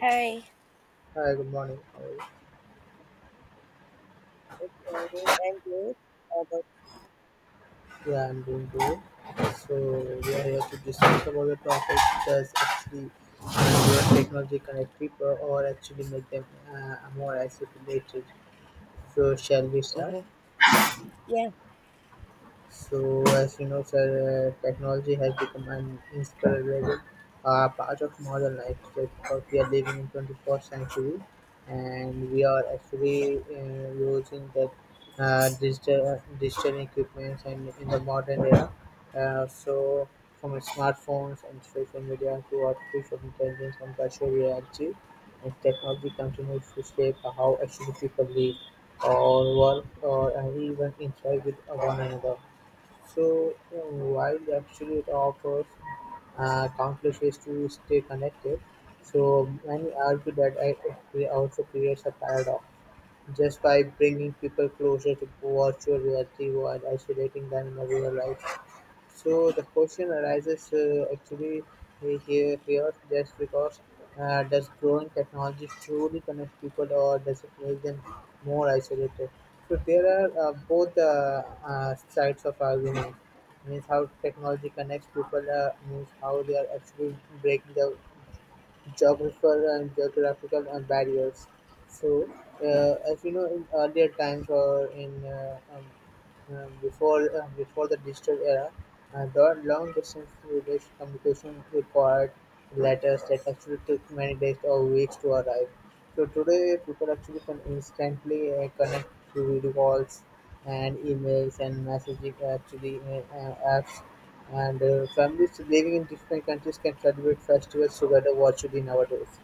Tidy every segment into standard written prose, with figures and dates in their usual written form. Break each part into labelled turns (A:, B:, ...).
A: Hi.
B: Hi, good morning. How are you?
A: Exciting and good. But
B: Yeah, I'm doing good. So we are here to discuss about the topic does actually where technology connect people or actually make them more isolated. So shall we start?
A: Mm-hmm. yeah,
B: So, as you know, sir, technology has become an inseparable part of modern life. So, because we are living in 21st century, and we are actually using the digital equipments and in the modern era. Uh, so, from smartphones and social media to artificial intelligence and virtual reality, and technology continues to shape how actually people live or work or even interact with one another. While actually it offers countless ways to stay connected, so many argue that it also creates a paradox. Just by bringing people closer to virtual reality while isolating them in a real life, so the question arises actually here, just because does growing technology truly connect people, or does it make them more isolated? So there are both sides of argument. Means how technology connects people, means how they are actually breaking the geographical and barriers. So, as you know, in earlier times, or in before before the digital era, the long distance communication required letters that actually took many days or weeks to arrive. So today people actually can instantly connect through video calls and emails and messaging actually apps, and families living in different countries can celebrate festivals together virtually nowadays.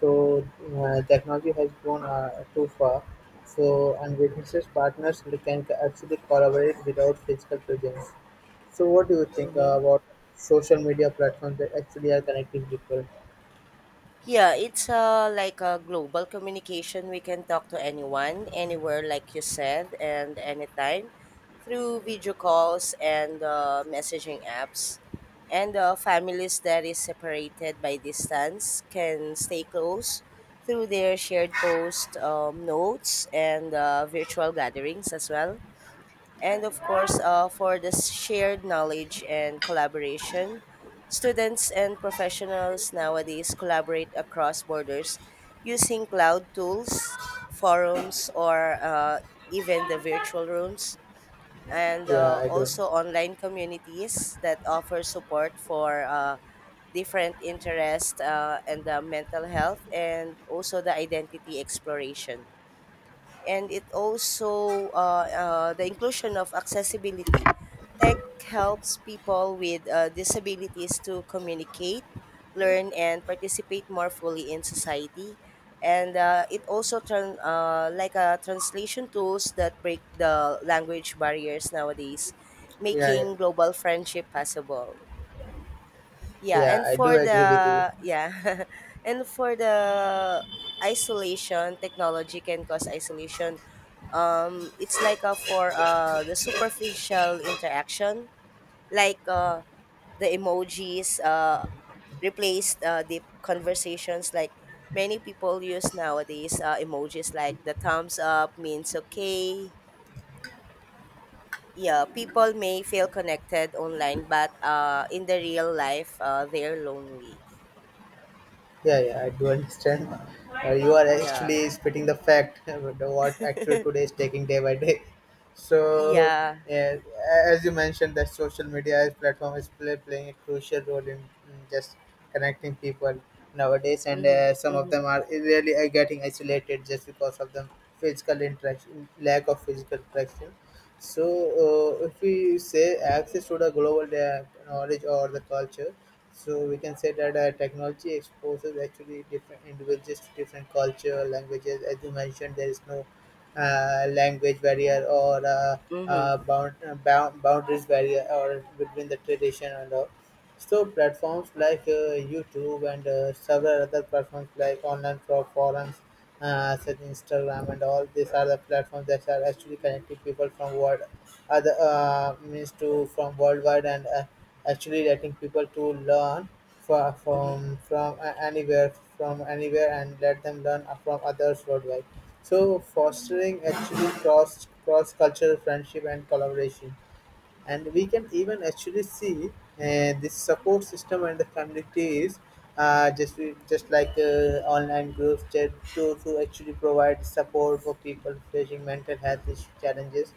B: So technology has grown too far. So and businesses partners, they can actually collaborate without physical presence. So what do you think
A: Mm-hmm.
B: about social media platforms that actually are connecting people?
A: Yeah, it's like a global communication. We can talk to anyone, anywhere, like you said, and anytime through video calls and messaging apps. And families that is separated by distance can stay close through their shared post notes and virtual gatherings as well. And of course for the shared knowledge and collaboration, students and professionals nowadays collaborate across borders using cloud tools, forums, or even the virtual rooms, and
B: Yeah, I don't.
A: also online communities that offer support for different interests, and mental health, and also the identity exploration, and it also the inclusion of accessibility. Tech helps people with disabilities to communicate, learn, and participate more fully in society. And it also turn like a translation tools that break the language barriers nowadays,
B: Yeah, yeah.
A: making global friendship possible. Yeah,
B: Yeah,
A: and
B: I do
A: for
B: agree with you.
A: the yeah, and for the isolation, technology can cause isolation. It's like for the superficial interaction, like the emojis replaced deep conversations. Like many people use nowadays emojis like the thumbs up means okay. Yeah, people may feel connected online, but in the real life, they're lonely.
B: Yeah, yeah, I do understand. You are
A: Yeah.
B: actually spitting the fact about the what actually today is taking day by day. So,
A: Yeah.
B: yeah, as you mentioned, that social media as platform is playing a crucial role in just connecting people nowadays, and
A: Mhm.
B: some of
A: Mhm.
B: them are really getting isolated just because of the physical interaction, lack of physical interaction. So, if we say access to the global knowledge or the culture, so we can say that technology exposes actually different individuals to different culture, languages. As you mentioned, there is no language barrier or
A: Mhm.
B: boundaries barrier or between the tradition and all. So platforms like YouTube and several other platforms like online forums, such Instagram and all. These are the platforms that are actually connecting people from world other means to from worldwide, and actually letting people to learn fro-
A: Mhm.
B: from from a- anywhere from anywhere and let them learn from others worldwide. So fostering actually cross cultural friendship and collaboration, and we can even actually see this support system and the communities. Uh, just just like online groups to actually provide support for people facing mental health issue challenges,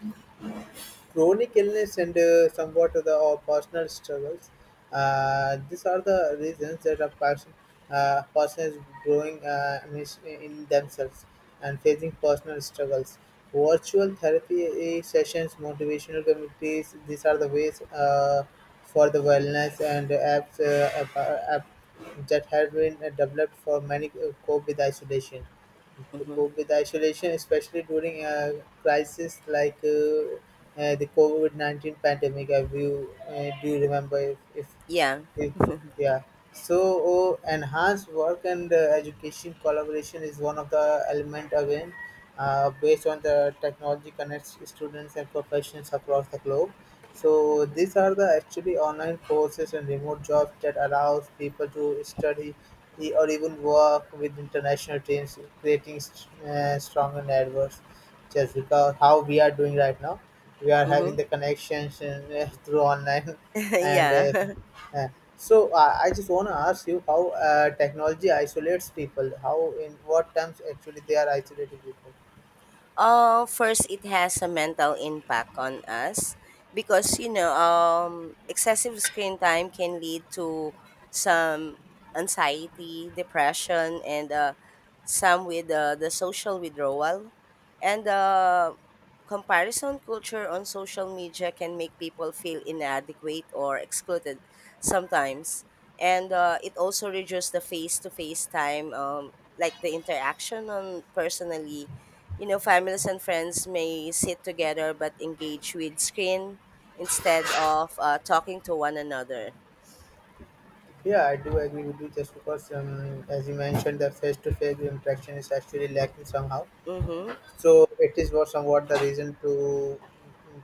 B: chronic illness, and somewhat of the or personal struggles. These are the reasons that a person, person is growing in themselves and facing personal struggles. Virtual therapy sessions, motivational communities, these are the ways for the wellness and apps, app that have been developed for many cope with isolation, to
A: Mhm.
B: cope with isolation, especially during a crisis like the COVID 19 pandemic. Have you do you remember if, if
A: Yeah.
B: if yeah? So oh, enhanced work and education collaboration is one of the element again, based on the technology connects students and professionals across the globe. So these are the actually online courses and remote jobs that allows people to study or even work with international teams, creating stronger networks. Just because how we are doing right now, we are
A: Mhm.
B: having the connections and, through online. And
A: yeah.
B: uh, so I just want to ask you how technology isolates people. How in what terms actually they are isolating people?
A: First, it has a mental impact on us because, excessive screen time can lead to some anxiety, depression, and some with the social withdrawal. And comparison culture on social media can make people feel inadequate or excluded sometimes. And it also reduces the face to face time, like the interaction on personally, you know, families and friends may sit together but engage with screen instead of talking to one another.
B: Yeah, I do agree with you. Just because, as you mentioned, the face-to-face interaction is actually lacking somehow.
A: Mm-hmm.
B: So it is what somewhat the reason to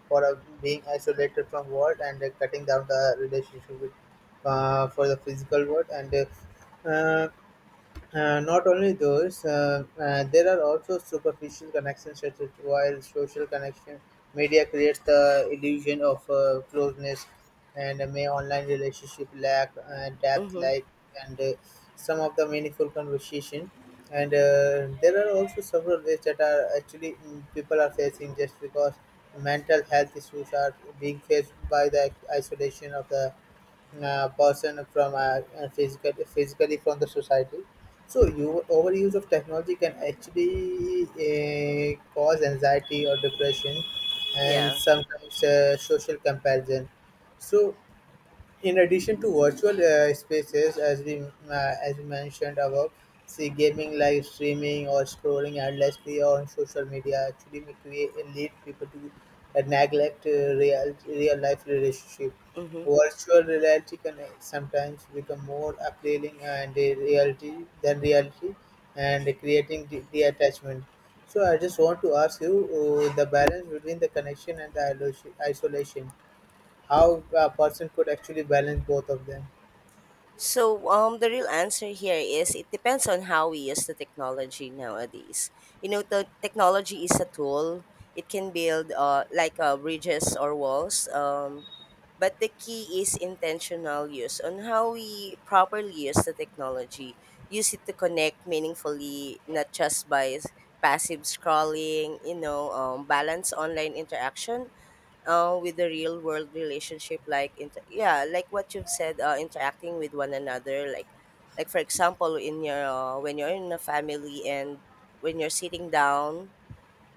B: for being isolated from world and cutting down the relationship with for the physical world and. Not only those, there are also superficial connections, such as while social connection media creates the illusion of closeness, and may online relationship lack depth
A: Mm-hmm.
B: like, and some of the meaningful conversation, and there are also several ways that are actually people are facing just because mental health issues are being faced by the isolation of the person from physically from the society. So you overuse of technology can actually cause anxiety or depression, and
A: Yeah.
B: sometimes social comparison. So in addition to virtual spaces, as we mentioned above, see gaming, live streaming, or scrolling endlessly on social media actually may create lead people to neglect real life relationship.
A: Mm-hmm.
B: Virtual reality can sometimes become more appealing and reality than reality, and creating the attachment. So I just want to ask you the balance between the connection and the isolation, how a person could actually balance both of them.
A: So, the real answer here is it depends on how we use the technology nowadays. You know, the technology is a tool. It can build bridges or walls. But the key is intentional use on how we properly use the technology. Use it to connect meaningfully, not just by passive scrolling, you know, balance online interaction with the real world relationship like yeah, like what you've said, interacting with one another, like for example in your when you're in a family and when you're sitting down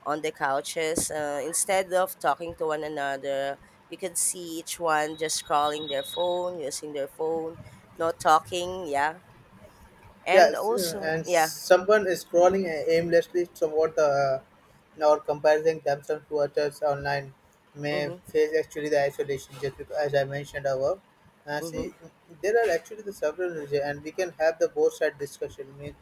A: on the couches instead of talking to one another, you can see each one just scrolling their phone, using their phone, not talking. Yeah. And
B: Yes,
A: also
B: and
A: yeah.
B: someone is scrolling aimlessly toward the or comparing themselves to others online, may
A: Mm-hmm.
B: face actually the isolation just because, as I mentioned above.
A: Mm-hmm.
B: See, there are actually the several reasons, and we can have the both side discussion. Means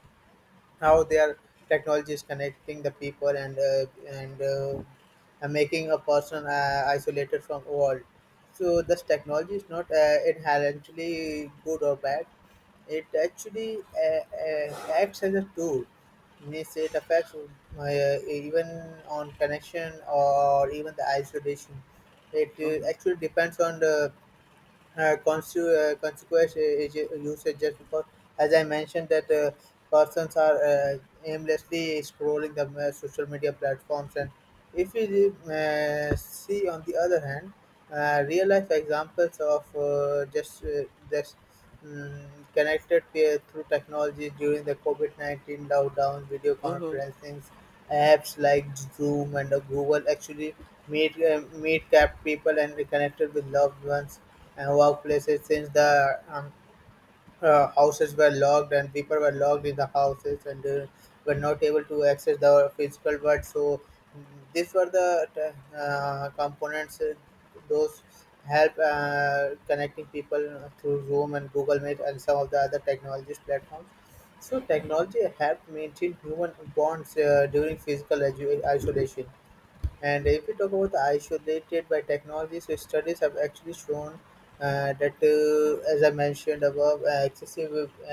B: how their technology is connecting the people and and making a person isolated from world. So this technology is not inherently good or bad. It actually acts as a tool. Means it affects even on connection or even the isolation. It
A: Mm-hmm.
B: actually depends on the consequence is usage just because, as I mentioned, that persons are aimlessly scrolling the social media platforms. And if you see, on the other hand, real life examples of just um, connected peer through technology during the COVID 19 lockdown, video
A: Mm-hmm.
B: conferencing apps like Zoom and Google actually meet kept people and reconnected with loved ones and workplaces since the houses were locked and people were locked in the houses and were not able to access the physical world. So mm, these were the components. Those help connecting people through Zoom and Google Meet and some of the other technologies platforms. So technology helped maintain human bonds during physical isolation, and if we talk about isolated by technology, so studies have actually shown that, as I mentioned above, excessive uh,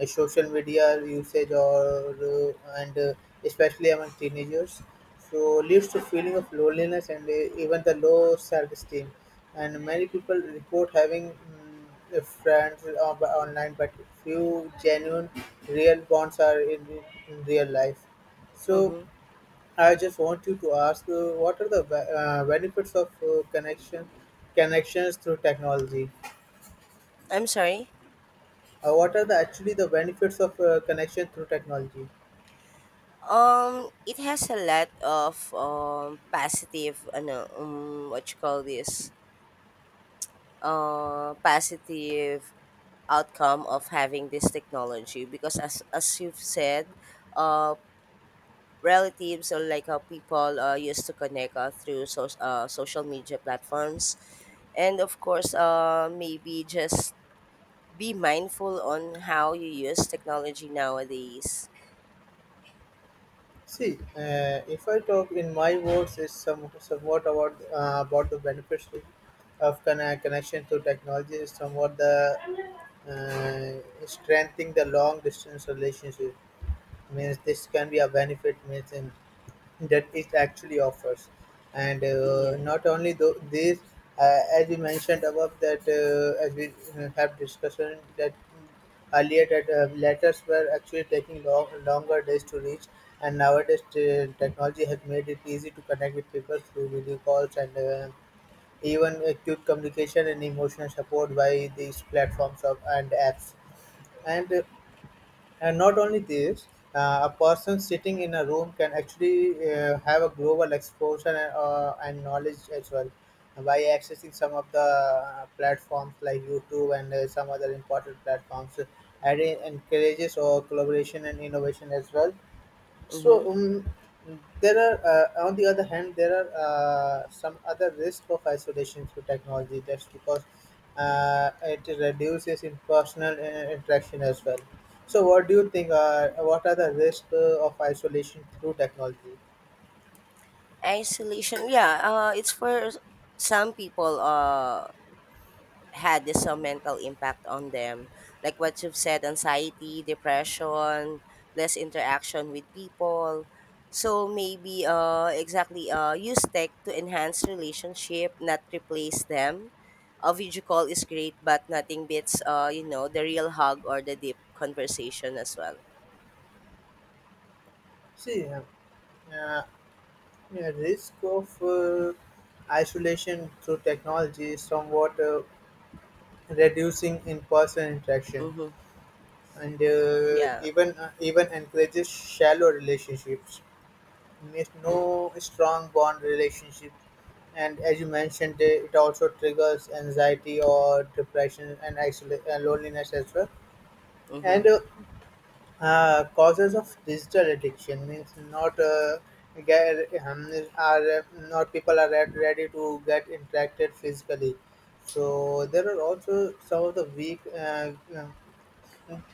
B: uh, social media usage or and especially among teenagers, so leads to feeling of loneliness and even the low self-esteem. And many people report having friends online, but few genuine, real bonds are in real life. So
A: Mm-hmm.
B: I just want you to ask, what are the benefits of connections through technology?
A: I'm sorry.
B: What are the actually the benefits of connection through technology?
A: It has a lot of positive ano what you call this, positive outcome of having this technology because as you've said, uh relatives, or like how people used to connect through social media platforms. And of course, maybe just be mindful on how you use technology nowadays.
B: See, if I talk in my words, it's some somewhat about the benefits of connection through technology. Is somewhat the strengthening the long distance relationship, means this can be a benefit means in, that it actually offers, and
A: Yeah.
B: not only though this, as we mentioned above that as we have discussion that earlier that letters were actually taking longer days to reach, and nowadays technology has made it easy to connect with people through video calls and even acute communication and emotional support by these platforms of, and apps, and uh, and not only this, a person sitting in a room can actually have a global exposure and knowledge as well by accessing some of the platforms like YouTube and some other important platforms. And it encourages collaboration and innovation as well.
A: Mm-hmm.
B: So there are, on the other hand, there are some other risk of isolation through technology. That's because it reduces in personal interaction as well. So, what do you think? What are the risks of isolation through technology?
A: Isolation, yeah, it's for some people had this some mental impact on them. Like what you've said, anxiety, depression, less interaction with people. So maybe exactly use tech to enhance relationship, not replace them. A video call is great, but nothing beats you know, the real hug or the deep conversation as well.
B: See, uh, yeah, risk of isolation through technology is somewhat reducing in-person interaction,
A: Mm-hmm.
B: and
A: Yeah.
B: even encourages shallow relationships. Means no strong bond relationship, and as you mentioned, it also triggers anxiety or depression and isolation, and loneliness as well.
A: Mm-hmm.
B: And causes of digital addiction means get, um, not people are ready to get interacted physically. So there are also some of the weak. Um,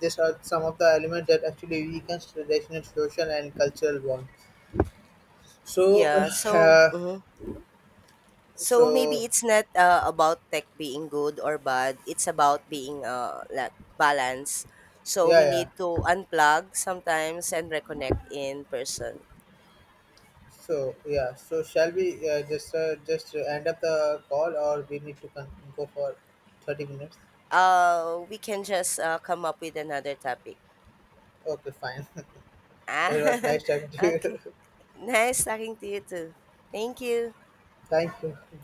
B: these are some of the elements that actually weakens traditional social and cultural bond. So,
A: Yeah. So.
B: uh,
A: Mhm. So maybe
B: so
A: it's not about tech being good or bad. It's about being like balance. So
B: yeah,
A: we
B: yeah.
A: need to unplug sometimes and reconnect in person.
B: So yeah. So shall we just end up the call, or we need to go for 30 minutes?
A: We can just come up with another topic.
B: Okay, fine.
A: Ah,
B: It was nice talking to
A: okay.
B: you.
A: Nice talking to you too. Thank you.
B: Thank you.